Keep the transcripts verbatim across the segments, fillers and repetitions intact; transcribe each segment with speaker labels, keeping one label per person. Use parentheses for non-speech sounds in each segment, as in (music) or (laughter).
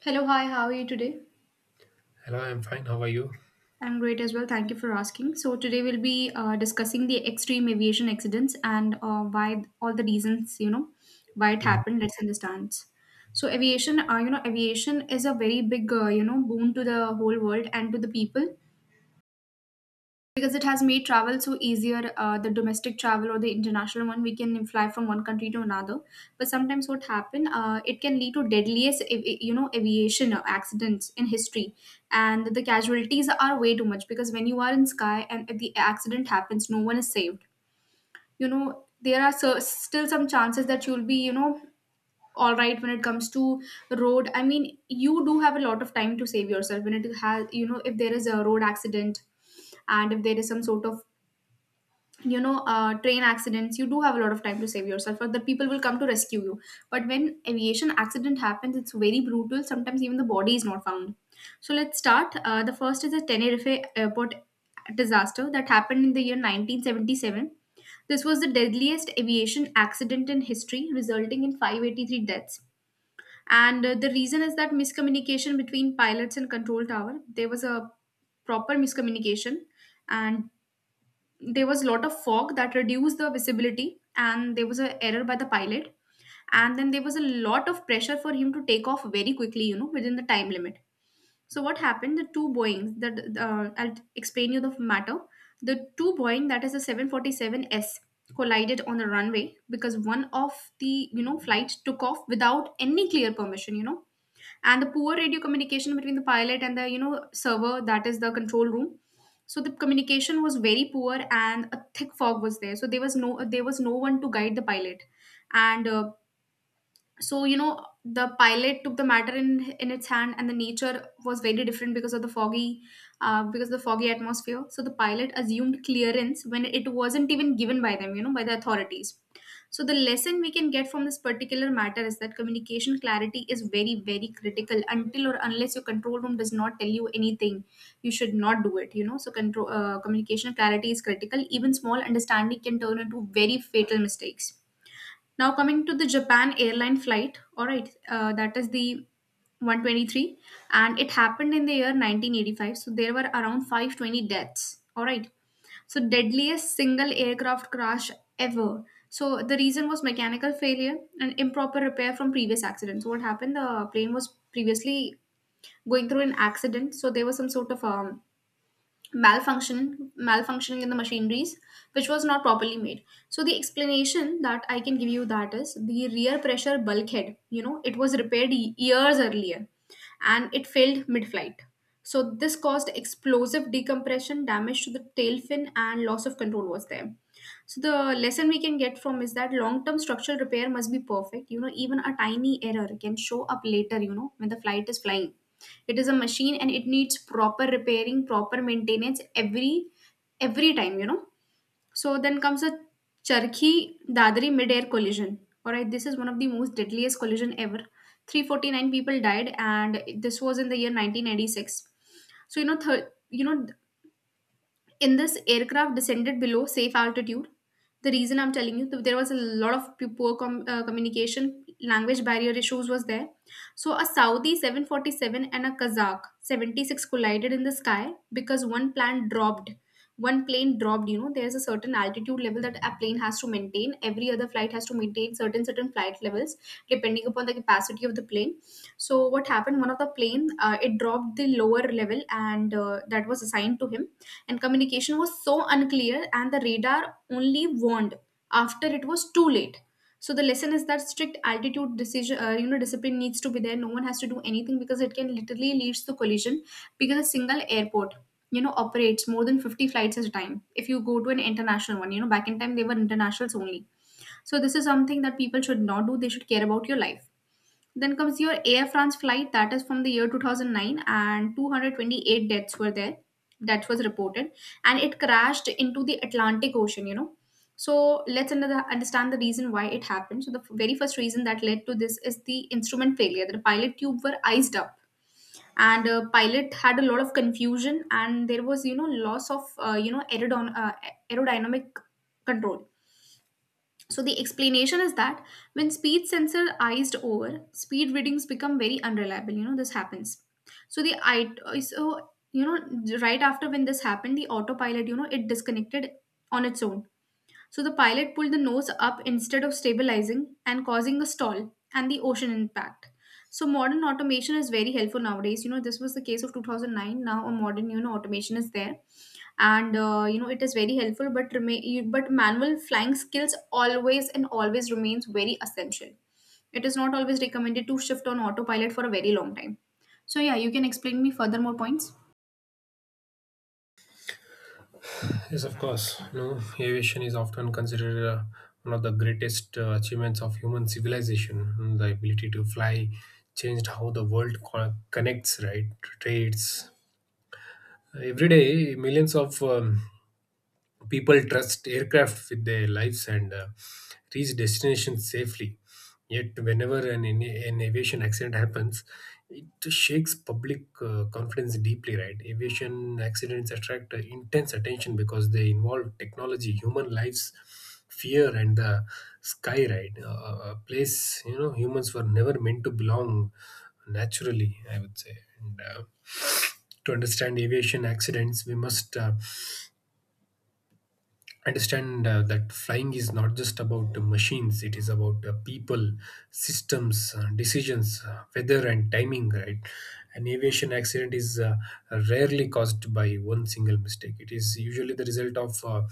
Speaker 1: Hello, hi, how are you today?
Speaker 2: Hello, I'm fine. How are you?
Speaker 1: I'm great as well. Thank you for asking. So today we'll be uh, discussing the extreme aviation accidents and uh, why all the reasons, you know, why it
Speaker 2: Mhm.
Speaker 1: happened. Let's understand. So, aviation, uh, you know, aviation is a very big, uh, you know, boon to the whole world and to the people, because it has made travel so easier. Uh, the domestic travel or the international one, we can fly from one country to another, but sometimes what happen, uh, it can lead to deadliest av- you know aviation accidents in history, and the casualties are way too much, because when you are in sky and if the accident happens, no one is saved, you know. There are so, still some chances that you'll be, you know, all right when it comes to road. I mean, you do have a lot of time to save yourself when it has, you know, if there is a road accident, and if there is some sort of, you know, uh, train accidents, you do have a lot of time to save yourself, or the people will come to rescue you. But when aviation accident happens, it's very brutal. Sometimes even the body is not found. So let's start. Uh, the first is the Tenerife airport disaster that happened in the year nineteen seventy-seven. This was the deadliest aviation accident in history, resulting in five hundred eighty-three deaths. And uh, the reason is that miscommunication between pilots and control tower. There was a proper miscommunication, and there was a lot of fog that reduced the visibility, and there was a error by the pilot, and then there was a lot of pressure for him to take off very quickly, you know, within the time limit. So what happened, the two Boeings that, uh, I'll explain you the matter. The two Boeing, that is a seven forty seven S, collided on the runway because one of the, you know, flight took off without any clear permission, you know, and the poor radio communication between the pilot and the, you know, server, that is the control room. So the communication was very poor and a thick fog was there, so there was no, there was no one to guide the pilot. And uh, so, you know, the pilot took the matter in in its hand, and the nature was very different because of the foggy, uh, because of the foggy atmosphere. So the pilot assumed clearance when it wasn't even given by them, you know, by the authorities. So the lesson we can get from this particular matter is that communication clarity is very, very critical. Until or unless your control room does not tell you anything, you should not do it, you know. So control, uh, communication clarity is critical. Even small understanding can turn into very fatal mistakes. Now coming to the Japan airline flight, all right, uh, that is the one twenty-three, and it happened in the year nineteen eighty-five. So there were around five hundred twenty deaths. All right, so deadliest single aircraft crash ever. So the reason was mechanical failure and improper repair from previous accidents. So what happened? The plane was previously going through an accident, so there was some sort of um, malfunction malfunctioning in the machineries, which was not properly made. So the explanation that I can give you, that is the rear pressure bulkhead, you know, it was repaired ye- years earlier, and it failed mid-flight. So this caused explosive decompression damage to the tail fin, and loss of control was there. So the lesson we can get from is that long-term structural repair must be perfect. You know, even a tiny error can show up later, you know, when the flight is flying. It is a machine and it needs proper repairing, proper maintenance every every time, you know. So then comes a Charkhi Dadri mid-air collision. Alright, this is one of the most deadliest collision ever. three hundred forty-nine people died and this was in the year nineteen ninety-six. So, you know, th- you know in this aircraft descended below safe altitude. The reason I'm telling you, th- there was a lot of p- poor com- uh, communication, language barrier issues was there. So a Saudi seven forty-seven and a Kazakh seventy-six collided in the sky because one plane dropped one plane dropped, you know, there's a certain altitude level that a plane has to maintain. Every other flight has to maintain certain certain flight levels depending upon the capacity of the plane. So what happened, one of the plane, uh, it dropped the lower level, and uh, that was assigned to him, and communication was so unclear, and the radar only warned after it was too late. So the lesson is that strict altitude decision, uh, you know, discipline needs to be there. No one has to do anything because it can literally leads to collision, because a single airport, you know, operates more than fifty flights at a time. If you go to an international one, you know, back in time they were internationals only. So this is something that people should not do. They should care about your life. Then comes your Air France flight that is from the year two thousand nine, and two hundred twenty-eight deaths were there that was reported, and it crashed into the Atlantic Ocean, you know. So let's under understand the reason why it happened. So the f- very first reason that led to this is the instrument failure. The pilot tube were iced up, and uh, pilot had a lot of confusion, and there was, you know, loss of uh, you know aerodon- uh, aerodynamic control. So the explanation is that when speed sensor iced over, speed readings become very unreliable. You know, this happens. So the I so you know, right after when this happened, the autopilot, you know, it disconnected on its own. So the pilot pulled the nose up instead of stabilizing, and causing a stall and the ocean impact. So modern automation is very helpful nowadays. You know, this was the case of two thousand nine. Now a modern, you know, automation is there, and uh, you know, it is very helpful, but remain you- but manual flying skills always and always remains very essential. It is not always recommended to shift on autopilot for a very long time. So yeah, you can explain me further more points.
Speaker 2: Yes, of course. No, aviation is often considered uh, one of the greatest uh, achievements of human civilization. Mm. The ability to fly changed how the world co- connects, right? Trades. Every day, millions of um, people trust aircraft with their lives and uh, reach destinations safely. Yet, whenever an, an aviation accident happens, it shakes public uh, confidence deeply, right? Aviation accidents attract uh, intense attention because they involve technology, human lives, fear, and the sky, right? Uh, a place, you know, humans were never meant to belong naturally, I would say. And, uh, to understand aviation accidents, we must uh, understand uh, that flying is not just about the machines. It is about uh, people, systems, uh, decisions, uh, weather, and timing, right? An aviation accident is uh, rarely caused by one single mistake. It is usually the result of uh,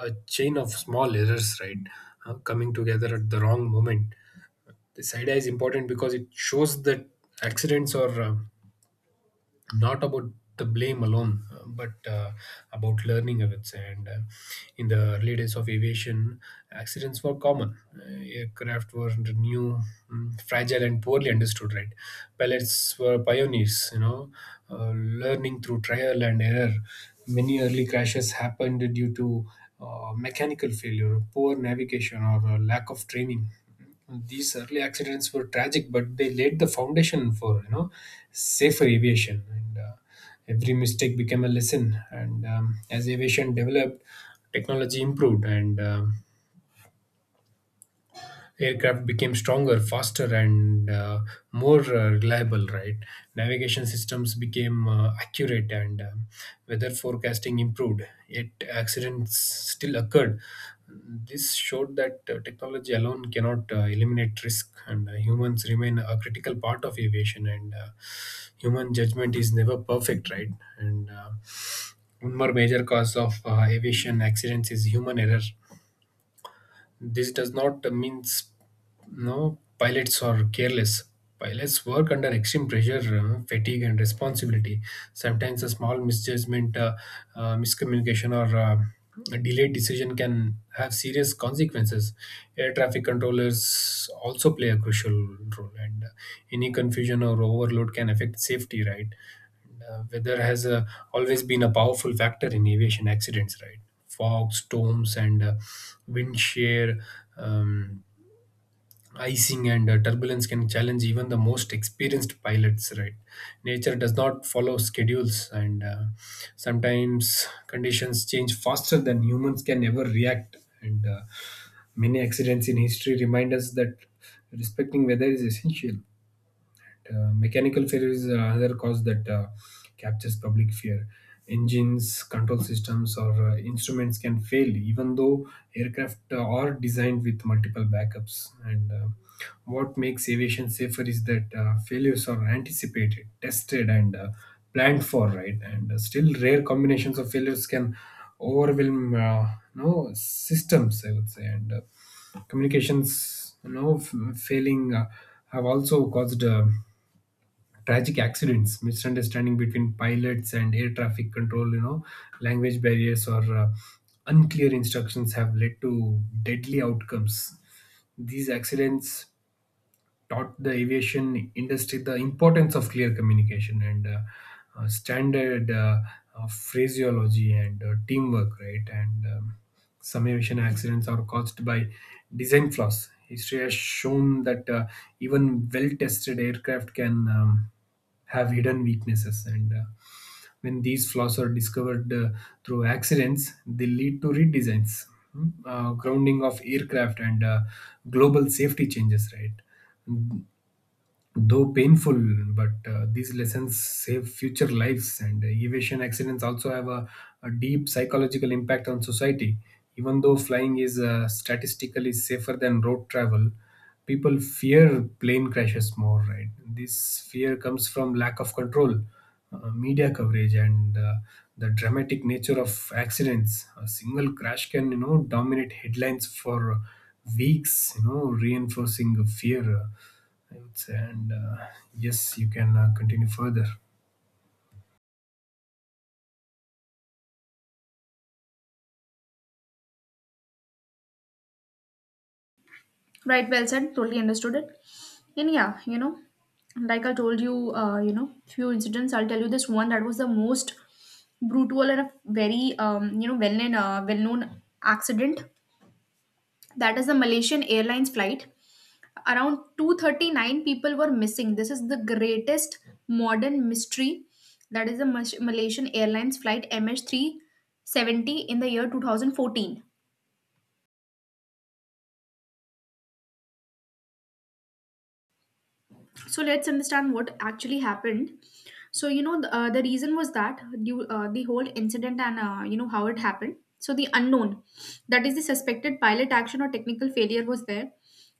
Speaker 2: a chain of small errors, right, uh, coming together at the wrong moment. This idea is important because it shows that accidents are uh, not about the blame alone, uh, but uh, about learning, I would say. And uh, In the early days of aviation, accidents were common. Uh, aircraft were new, mm, fragile, and poorly understood, right? Pilots were pioneers, you know, uh, learning through trial and error. Many early crashes happened due to uh, mechanical failure, poor navigation, or uh, lack of training. These early accidents were tragic, but they laid the foundation for you know safer aviation. And uh, Every mistake became a lesson. And um, As aviation developed, technology improved, and um aircraft became stronger, faster, and uh, more uh, reliable. Right, navigation systems became uh, accurate, and um, weather forecasting improved. Yet accidents still occurred. This showed that uh, technology alone cannot uh, eliminate risk, and uh, humans remain a critical part of aviation. And uh, human judgment is never perfect, right? And uh, one more major cause of uh, aviation accidents is human error. This does not mean no pilots are careless. Pilots work under extreme pressure, uh, fatigue, and responsibility. Sometimes a small misjudgment, uh, uh, miscommunication, or uh, a delayed decision can have serious consequences. Air traffic controllers also play a crucial role, and uh, any confusion or overload can affect safety. Right, uh, weather has uh, always been a powerful factor in aviation accidents, right? Fog, storms, and uh, wind shear, um, icing, and uh, turbulence can challenge even the most experienced pilots, right? Nature does not follow schedules, and uh, sometimes conditions change faster than humans can ever react. And uh, many accidents in history remind us that respecting weather is essential. Uh, mechanical failure is uh, another cause that uh, captures public fear. Engines, control systems, or uh, instruments can fail, even though aircraft uh, are designed with multiple backups. And uh, what makes aviation safer is that uh, failures are anticipated, tested, and uh, planned for, right? And uh, still, rare combinations of failures can overwhelm uh, no systems, I would say. And uh, communications, you know, f- failing uh, have also caused Uh, tragic accidents. Misunderstanding between pilots and air traffic control, you know, language barriers, or uh, unclear instructions have led to deadly outcomes. These accidents taught the aviation industry the importance of clear communication and uh, uh, standard uh, uh, phraseology, and uh, teamwork, right? And um, Some aviation accidents are caused by design flaws. History has shown that uh, even well tested aircraft can um, have hidden weaknesses. And uh, when these flaws are discovered uh, through accidents, they lead to redesigns, mm, uh, grounding of aircraft, and uh, global safety changes, right? Though painful, but uh, these lessons save future lives. And uh, aviation accidents also have a, a deep psychological impact on society. Even though flying is uh, statistically safer than road travel, people fear plane crashes more, right? This fear comes from lack of control, uh, media coverage, and uh, the dramatic nature of accidents. A single crash can, you know, dominate headlines for weeks, you know, reinforcing fear, I would say. And uh, yes, you can uh, continue further.
Speaker 1: Right, well said, totally understood it. And yeah, you know, like I told you, uh, you know, few incidents, I'll tell you this one that was the most brutal and a very um, you know, well known uh, well known accident, that is a Malaysian Airlines flight. Around two hundred thirty-nine people were missing. This is the greatest modern mystery. That is a Mas- Malaysian Airlines flight M H three seventy in the year twenty fourteen. So let's understand what actually happened. So, you know, the, uh, the reason was that due, uh, the whole incident and, uh, you know, how it happened. So the unknown, that is the suspected pilot action or technical failure was there,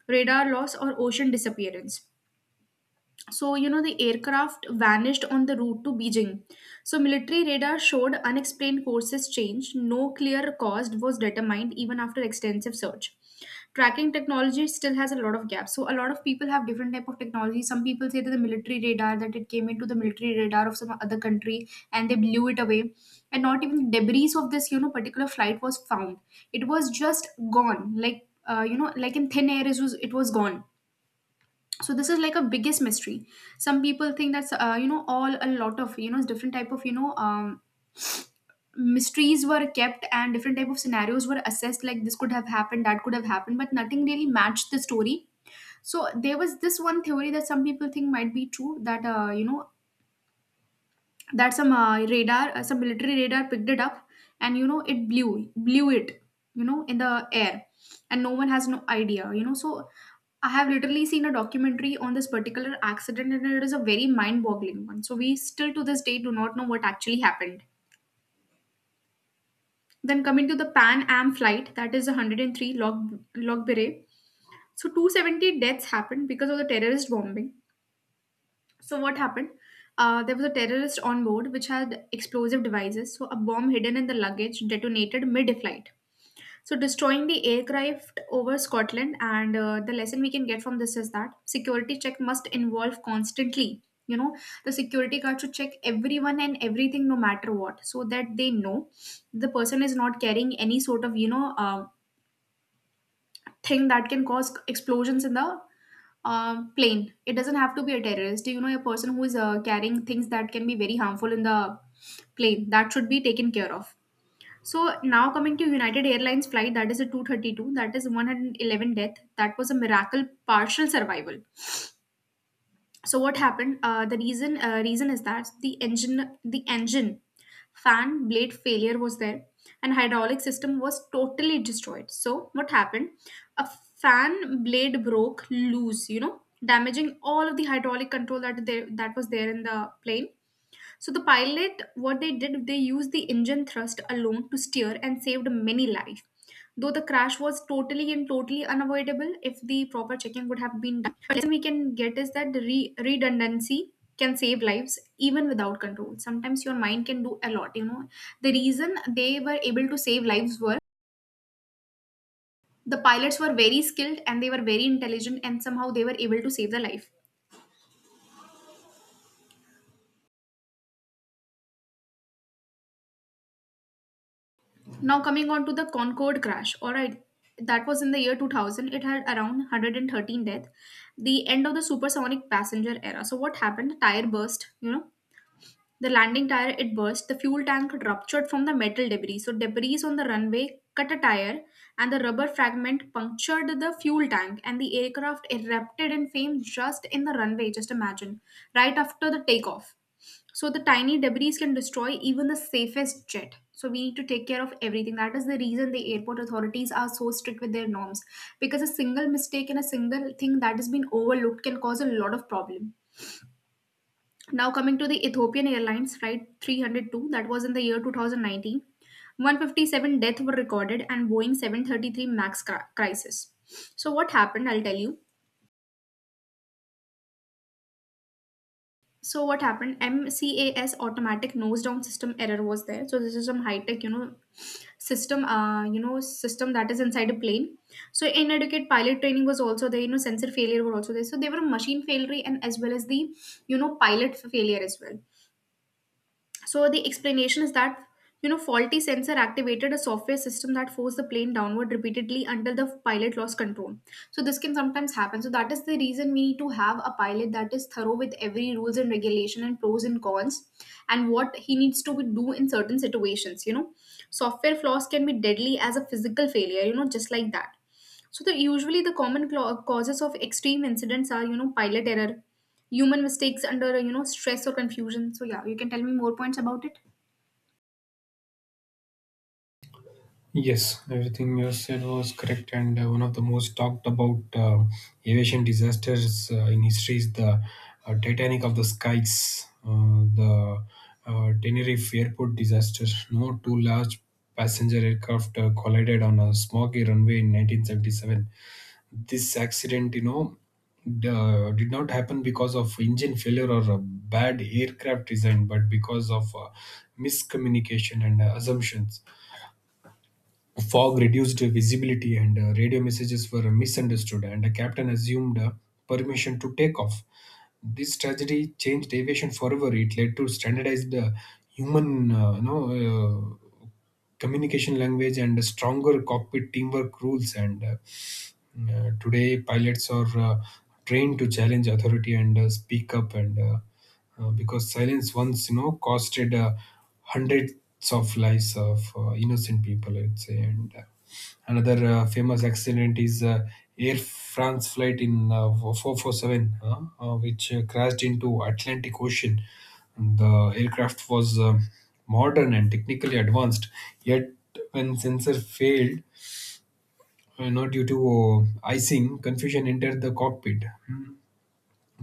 Speaker 1: radar loss or ocean disappearance. So, you know, the aircraft vanished on the route to Beijing. So military radar showed unexplained courses change. No clear cause was determined even after extensive search. Tracking technology still has a lot of gaps. So a lot of people have different type of technology. Some people say that the military radar, that it came into the military radar of some other country and they blew it away. And not even debris of this, you know, particular flight was found. It was just gone, like, uh, you know, like in thin air. It was, it was gone. So this is like a biggest mystery. Some people think that's, uh, you know, all a lot of, you know, different type of, you know, um, mysteries were kept, and different type of scenarios were assessed, like this could have happened, that could have happened, but nothing really matched the story. So there was this one theory that some people think might be true, that, uh, you know, that some, uh, radar, uh, some military radar picked it up, and, you know, it blew blew it, you know, in the air, and no one has no idea, you know. So I have literally seen a documentary on this particular accident, and it is a very mind boggling one. So we still to this day do not know what actually happened. Then coming to the Pan Am flight, that is one hundred three, log log Logberay. So two hundred seventy deaths happened because of the terrorist bombing. So what happened? Uh, there was a terrorist on board which had explosive devices. So a bomb hidden in the luggage detonated mid-flight, so destroying the aircraft over Scotland. And uh, the lesson we can get from this is that security check must involve constantly. You know, the security guard should check everyone and everything, no matter what, so that they know the person is not carrying any sort of you know uh, thing that can cause explosions in the uh, plane. It doesn't have to be a terrorist. You know, a person who is uh, carrying things that can be very harmful in the plane that should be taken care of. So now coming to United Airlines flight, that is a two thirty-two, that is one eleven death, that was a miracle partial survival. So what happened? Uh, the reason uh, reason is that the engine the engine fan blade failure was there and hydraulic system was totally destroyed. So what happened? A fan blade broke loose, you know, damaging all of the hydraulic control that they, that was there in the plane. So the pilot, what they did, they used the engine thrust alone to steer and saved many lives. Though the crash was totally and totally unavoidable if the proper checking would have been done. But lesson we can get is that the re- redundancy can save lives even without control. Sometimes your mind can do a lot, you know. The reason they were able to save lives were the pilots were very skilled and they were very intelligent and somehow they were able to save the life. Now coming on to the Concorde crash. All right. That was in the year two thousand. It had around one hundred thirteen death. The end of the supersonic passenger era. So what happened? Tire burst, you know. The landing tire, it burst, the fuel tank ruptured from the metal debris. So debris on the runway cut a tire and the rubber fragment punctured the fuel tank and the aircraft erupted in flame just in the runway, just imagine, right after the takeoff. So the tiny debris can destroy even the safest jet. So we need to take care of everything. That is the reason the airport authorities are so strict with their norms, because a single mistake and a single thing that has been overlooked can cause a lot of problem. Now coming to the Ethiopian Airlines flight three hundred two, that was in the year two thousand nineteen, one hundred fifty-seven deaths were recorded, and Boeing seven thirty-three MAX cri- crisis. So what happened? I'll tell you. So what happened? M C A S automatic nose down system error was there. So this is some high tech, you know, system, uh, you know, system that is inside a plane. So inadequate pilot training was also there. You know, sensor failure were also there. So there were machine failure and as well as the, you know, pilot failure as well. So the explanation is that, you know, faulty sensor activated a software system that forced the plane downward repeatedly until the pilot lost control. So this can sometimes happen. So that is the reason we need to have a pilot that is thorough with every rules and regulation and pros and cons and what he needs to do in certain situations, you know. Software flaws can be deadly as a physical failure, you know, just like that. So the usually the common cla- causes of extreme incidents are, you know, pilot error, human mistakes under, you know, stress or confusion. So yeah, you can tell me more points about it.
Speaker 2: Yes, everything you said was correct, and uh, one of the most talked about uh, aviation disasters uh, in history is the uh, Titanic of the skies, uh, the uh, Tenerife airport disaster. No, two large passenger aircraft uh, collided on a smoggy runway in nineteen seventy-seven. This accident, you know, d- uh, did not happen because of engine failure or a bad aircraft design, but because of uh, miscommunication and uh, assumptions. Fog reduced visibility, and uh, radio messages were misunderstood, and the captain assumed uh, permission to take off. This tragedy changed aviation forever. It led to standardized uh, human, uh, you know, uh, communication language and stronger cockpit teamwork rules. And uh, Mm-hmm. Uh, today, pilots are uh, trained to challenge authority and uh, speak up, and uh, uh, because silence once, you know, costed uh, hundreds of lives of uh, innocent people, I'd say. And uh, another uh, famous accident is uh, Air France flight in uh, four four seven, uh, uh, which uh, crashed into Atlantic Ocean. The aircraft was uh, modern and technically advanced, yet when sensor failed, uh, not due to uh, icing, confusion entered the cockpit.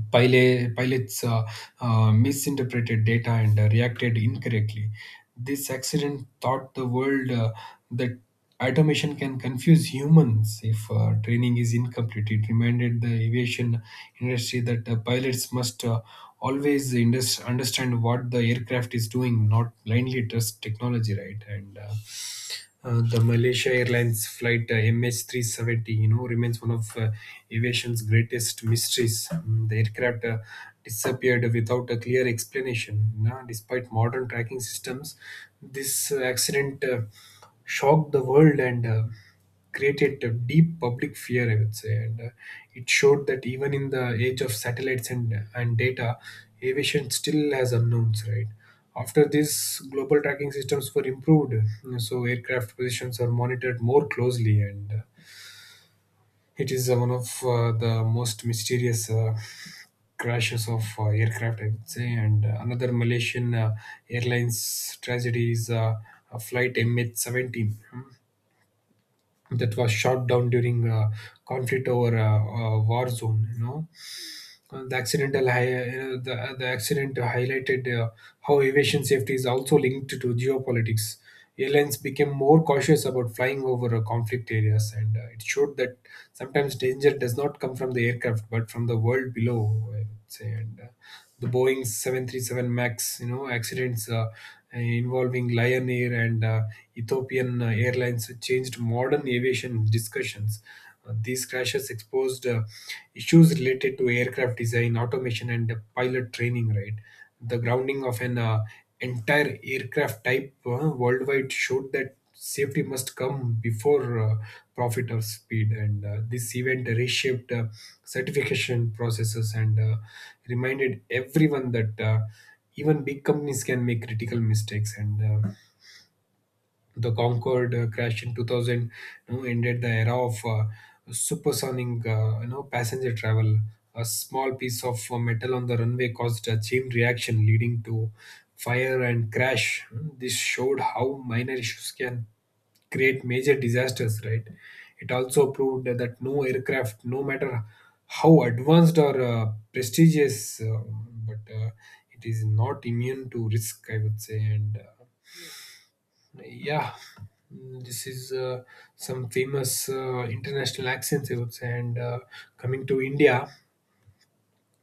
Speaker 2: Pilot, pilots uh, uh, misinterpreted data and uh, reacted incorrectly. This accident taught the world uh, that automation can confuse humans if uh, training is incomplete. It reminded the aviation industry that uh, pilots must uh, always indus- understand what the aircraft is doing, not blindly trust technology, right? And uh, uh, the Malaysia Airlines flight uh, M H three seventy, you know, remains one of uh, aviation's greatest mysteries. Mm, the aircraft uh, disappeared without a clear explanation. Now, despite modern tracking systems, this uh, accident uh, shocked the world and uh, created a deep public fear, I would say, and uh, it showed that even in the age of satellites and and data, aviation still has unknowns, right? After this, global tracking systems were improved, uh, so aircraft positions are monitored more closely, and uh, it is uh, one of uh, the most mysterious uh, crashes of uh, aircraft, I would say. And uh, another Malaysian uh, Airlines tragedy is uh, a flight M H seventeen that was shot down during a conflict over a, a war zone, you know. Uh, the accidental hi- uh, you know, the, uh, the accident highlighted uh, how aviation safety is also linked to geopolitics. Airlines became more cautious about flying over uh, conflict areas, and uh, it showed that sometimes danger does not come from the aircraft but from the world below, I would say. And uh, the Boeing seven thirty-seven Max, you know, accidents uh, involving Lion Air and uh, Ethiopian uh, Airlines changed modern aviation discussions. uh, These crashes exposed uh, issues related to aircraft design, automation, and uh, pilot training. Right, the grounding of an uh, entire aircraft type uh, worldwide showed that safety must come before uh, profit or speed. And uh, this event reshaped uh, certification processes and uh, reminded everyone that uh, even big companies can make critical mistakes. And uh, the Concorde uh, crash in two thousand, you know, ended the era of uh, supersonic, uh, you know, passenger travel. A small piece of uh, metal on the runway caused a chain reaction, leading to fire and crash. Hmm. This showed how minor issues can create major disasters, right? It also proved that no aircraft, no matter how advanced or uh, prestigious, uh, but uh, it is not immune to risk, I would say. And uh, yeah, mm, this is uh, some famous uh, international accents, I would say. And uh, coming to India,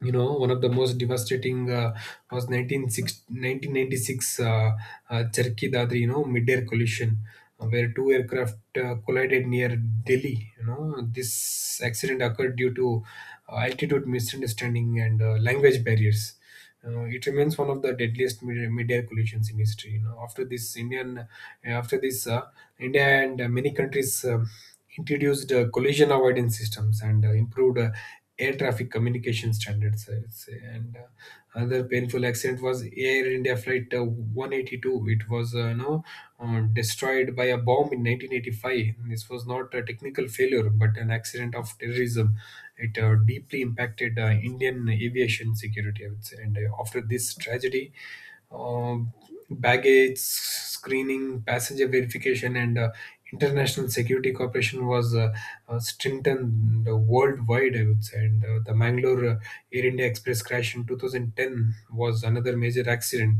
Speaker 2: you know, one of the most devastating uh, was nineteen six, nineteen ninety six. nineteen ninety-six uh, uh, Cherki Dadri, you know, mid-air collision, uh, where two aircraft uh, collided near Delhi. You know, this accident occurred due to uh, altitude misunderstanding and uh, language barriers. Uh, it remains one of the deadliest media, media collisions in history. You know, after this Indian, uh, after this uh, India and uh, many countries um introduced uh, collision avoidance systems and uh, improved uh, air traffic communication standards, I would say. And uh, other painful painful accident was Air India Flight uh, one eighty-two. It was, uh, you know, uh, destroyed by a bomb in nineteen eighty-five. This was not a technical failure, but an accident of terrorism. It uh, deeply impacted uh, Indian aviation security, I would say. And uh, after this tragedy, uh, baggage screening, passenger verification, and uh, international security cooperation was uh, uh, strengthened worldwide, I would say. And uh, the Mangalore uh, Air India Express crash in twenty ten was another major accident.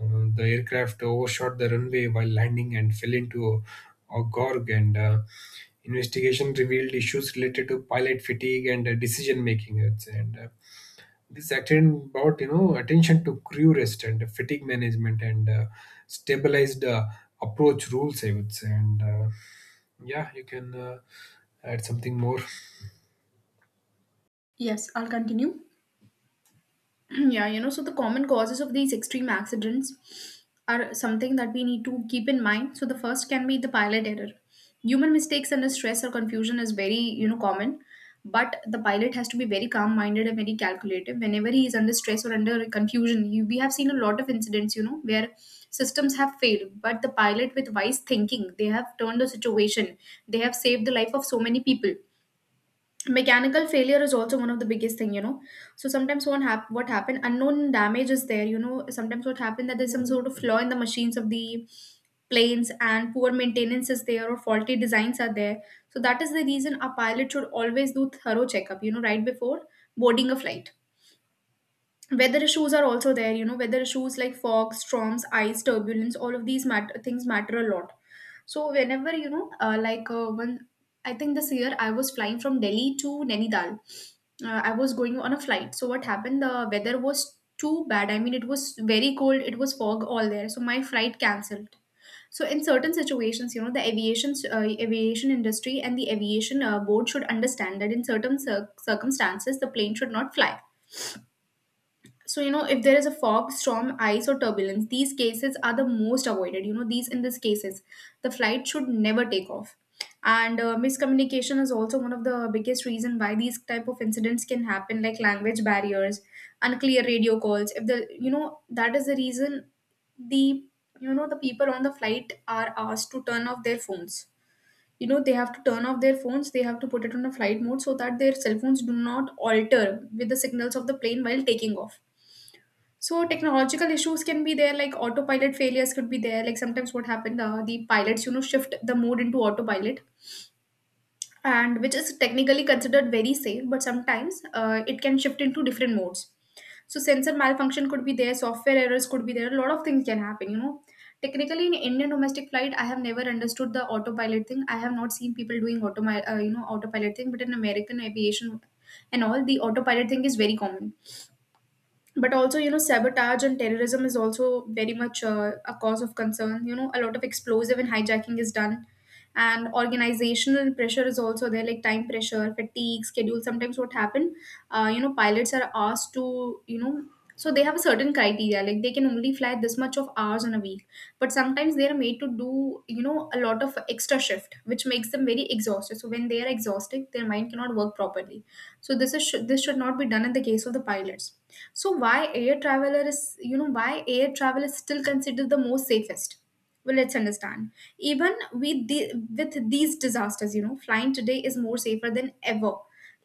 Speaker 2: Uh, the aircraft overshot the runway while landing and fell into a, a gorge, and uh, investigation revealed issues related to pilot fatigue and uh, decision making. I would say. And uh, This second, about you know attention to crew rest and fatigue management, and uh, stabilized uh, approach rules, I would say. And uh, Yeah, you can uh, add something more.
Speaker 1: Yes, I'll continue. (clears throat) Yeah, you know, so the common causes of these extreme accidents are something that we need to keep in mind. So the first can be the pilot error, human mistakes under stress or confusion is very, you know, common. But the pilot has to be very calm minded and very calculative whenever he is under stress or under confusion. You, we have seen a lot of incidents, you know, where systems have failed but the pilot with wise thinking they have turned the situation, they have saved the life of so many people. Mechanical failure is also one of the biggest thing, you know. So sometimes what hap- what happened, unknown damage is there, you know. Sometimes what happened that there's some sort of flaw in the machines of the planes, and poor maintenance is there or faulty designs are there. So that is the reason a pilot should always do thorough checkup, you know, right before boarding a flight. Weather issues are also there, you know. Weather issues like fog, storms, ice, turbulence, all of these matter, things matter a lot. So whenever, you know uh, like uh, when I think this year I was flying from Delhi to Nainital, uh, I was going on a flight. So what happened, the weather was too bad. I mean, it was very cold, it was fog all there, so my flight cancelled. So in certain situations, you know, the aviation uh, aviation industry and the aviation uh, board should understand that in certain cir- circumstances the plane should not fly. So you know, if there is a fog, storm, ice, or turbulence, these cases are the most avoided, you know. These, in these cases, the flight should never take off. And uh, miscommunication is also one of the biggest reason why these type of incidents can happen, like language barriers, unclear radio calls. If the, you know, that is the reason the, you know, the people on the flight are asked to turn off their phones. You know, they have to turn off their phones, they have to put it on a flight mode, so that their cell phones do not alter with the signals of the plane while taking off. So technological issues can be there, like autopilot failures could be there. Like sometimes what happened, uh, the pilots, you know, shift the mode into autopilot, and which is technically considered very safe, but sometimes uh, it can shift into different modes. So sensor malfunction could be there, software errors could be there. A lot of things can happen, you know. Technically, in Indian domestic flight, I have never understood the autopilot thing. I have not seen people doing automi- uh, you know, autopilot thing. But in American aviation and all, the autopilot thing is very common. But also, you know, sabotage and terrorism is also very much uh, a cause of concern, you know. A lot of explosive and hijacking is done. And organizational pressure is also there, like time pressure, fatigue, schedule. Sometimes what happen, uh, you know, pilots are asked to, you know, so they have a certain criteria, like they can only fly this much of hours in a week. But sometimes they are made to do, you know, a lot of extra shift which makes them very exhausted. So when they are exhausted, their mind cannot work properly. So this is, should, this should not be done in the case of the pilots. So why air traveler is, you know, why air travel is still considered the most safest? Well, let's understand. Even with the with these disasters, you know, flying today is more safer than ever.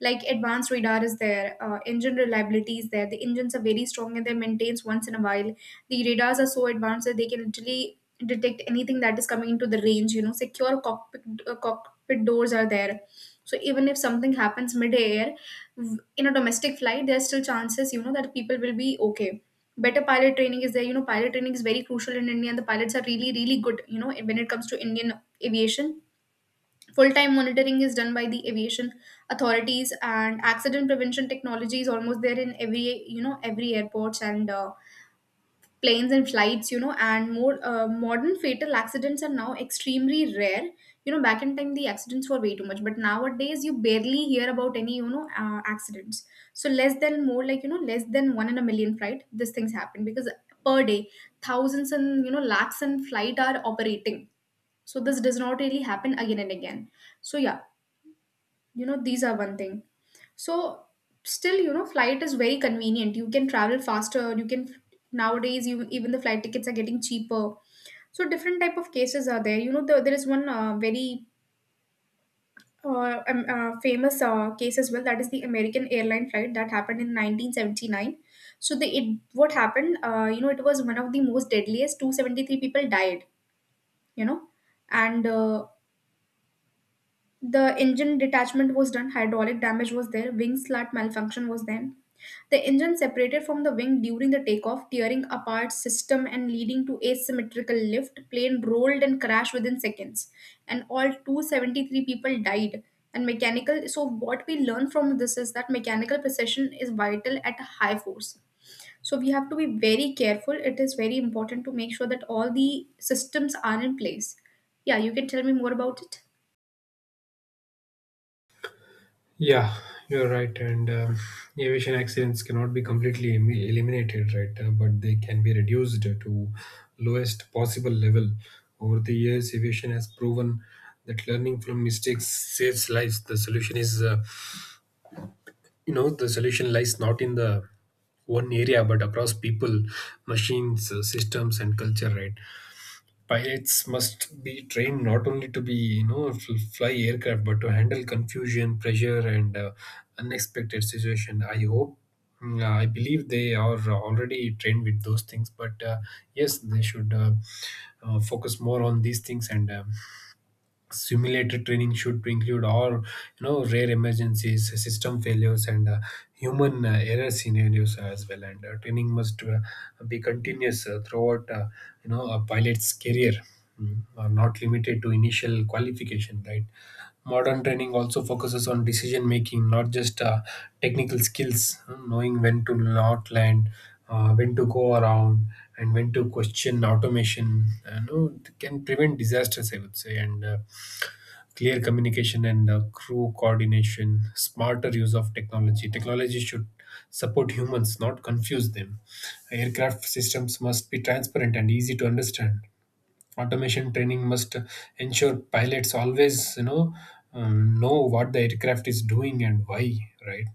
Speaker 1: Like advanced radar is there, uh, engine reliability is there. The engines are very strong and they maintains once in a while. The radars are so advanced that they can literally detect anything that is coming into the range. You know, secure cockpit uh, cockpit doors are there. So even if something happens midair, in a domestic flight there's still chances, you know, that people will be okay. Better pilot training is there, you know. Pilot training is very crucial in India, and the pilots are really really good, you know, when it comes to Indian aviation. Full-time monitoring is done by the aviation authorities, and accident prevention technology is almost there in every, you know, every airports and uh, planes and flights, you know. And more uh, modern fatal accidents are now extremely rare. You know, back in time the accidents were way too much, but nowadays you barely hear about any, you know, uh, accidents. So less than, more like, you know, less than one in a million flight these things happen, because per day thousands and, you know, lakhs in flight are operating. So this does not really happen again and again. So yeah, you know, these are one thing. So still, you know, flight is very convenient. You can travel faster. You can nowadays, you even the flight tickets are getting cheaper. So different type of cases are there. You know, the, there is one uh, very uh, um, uh, famous uh, case as well. That is the American airline flight that happened in nineteen seventy-nine. So the it what happened? Uh, you know, it was one of the most deadliest. two hundred seventy-three people died. You know, and uh, the engine detachment was done. Hydraulic damage was there. Wing slat malfunction was there. The engine separated from the wing during the takeoff, tearing apart system and leading to asymmetrical lift. Plane rolled and crashed within seconds, and all two hundred seventy-three people died. And mechanical. So what we learn from this is that mechanical precision is vital at a high force. So we have to be very careful. It is very important to make sure that all the systems are in place. Yeah, you can tell me more about it.
Speaker 2: Yeah, you're right. And um aviation accidents cannot be completely em- eliminated, right? Uh, but they can be reduced to lowest possible level. Over the years aviation has proven that learning from mistakes saves lives. The solution is, uh, you know the solution lies not in the one area but across people, machines, uh, systems and culture, right? Pilots must be trained not only to be you know f- fly aircraft but to handle confusion, pressure and uh, unexpected situation. I hope, mm, I believe they are already trained with those things, but uh, yes, they should, uh, uh, focus more on these things. And um simulator training should include all, you know, rare emergencies, system failures and uh, human uh, error scenarios as well. And uh, Training must uh, be continuous uh, throughout, uh, you know, a pilot's career. Mm, uh, not limited to initial qualification, right? Modern training also focuses on decision making, not just uh, technical skills. Uh, knowing when to not land, uh, when to go around, and when to question automation uh, no, can prevent disasters, I would say. And uh, Clear communication and uh, crew coordination, smarter use of technology. Technology should support humans, not confuse them. Aircraft systems must be transparent and easy to understand. Automation training must ensure pilots always, you know um, know what the aircraft is doing and why, right?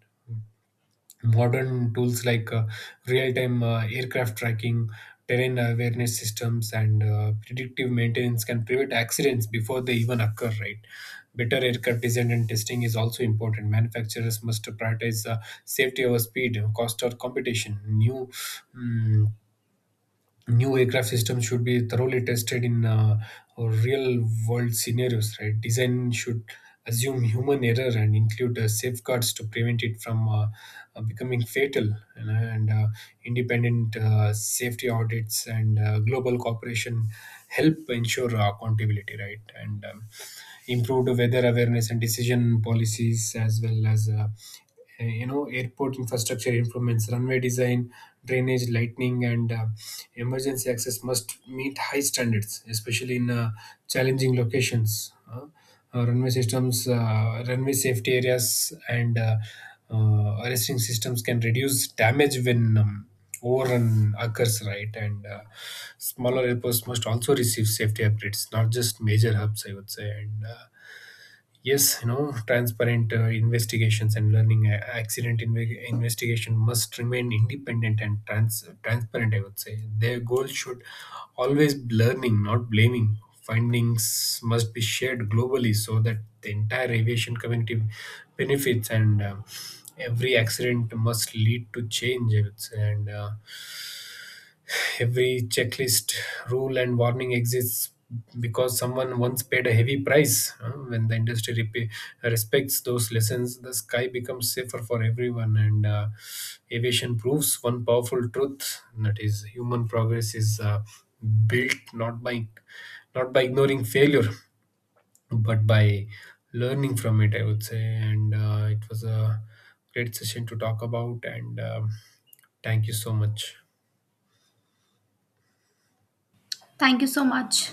Speaker 2: Modern tools like, uh, real-time uh, aircraft tracking, terrain awareness systems and uh, predictive maintenance can prevent accidents before they even occur, right? Better aircraft design and testing is also important. Manufacturers must prioritize uh, safety over speed, cost or competition. new mm, New aircraft systems should be thoroughly tested in uh, real world scenarios, right? Design should assume human error and include uh, safeguards to prevent it from uh, uh, becoming fatal, you know. And uh, Independent uh, safety audits and uh, global cooperation help ensure uh, accountability, right? and um, Improved weather awareness and decision policies, as well as, uh, uh, you know, airport infrastructure improvements, runway design, drainage, lighting and uh, emergency access must meet high standards, especially in uh, challenging locations. Uh, uh, runway systems, uh, runway safety areas and uh, uh, arresting systems can reduce damage when um, overrun occurs, right? and uh, Smaller airports must also receive safety upgrades, not just major hubs, I would say. And uh, Yes, you know, transparent uh, investigations and learning. Uh, accident inve- investigation must remain independent and trans- transparent, I would say. Their goal should always learning, not blaming. Findings must be shared globally so that the entire aviation community benefits, and uh, every accident must lead to change, I would say. And uh, Every checklist, rule, and warning exists because someone once paid a heavy price. Uh, when the industry rep- respects those lessons, the sky becomes safer for everyone. And uh, Aviation proves one powerful truth, and that is, human progress is Uh, built not by not by ignoring failure but by learning from it, I would say. And uh, It was a great session to talk about, and um, thank you so much.
Speaker 1: Thank you so much.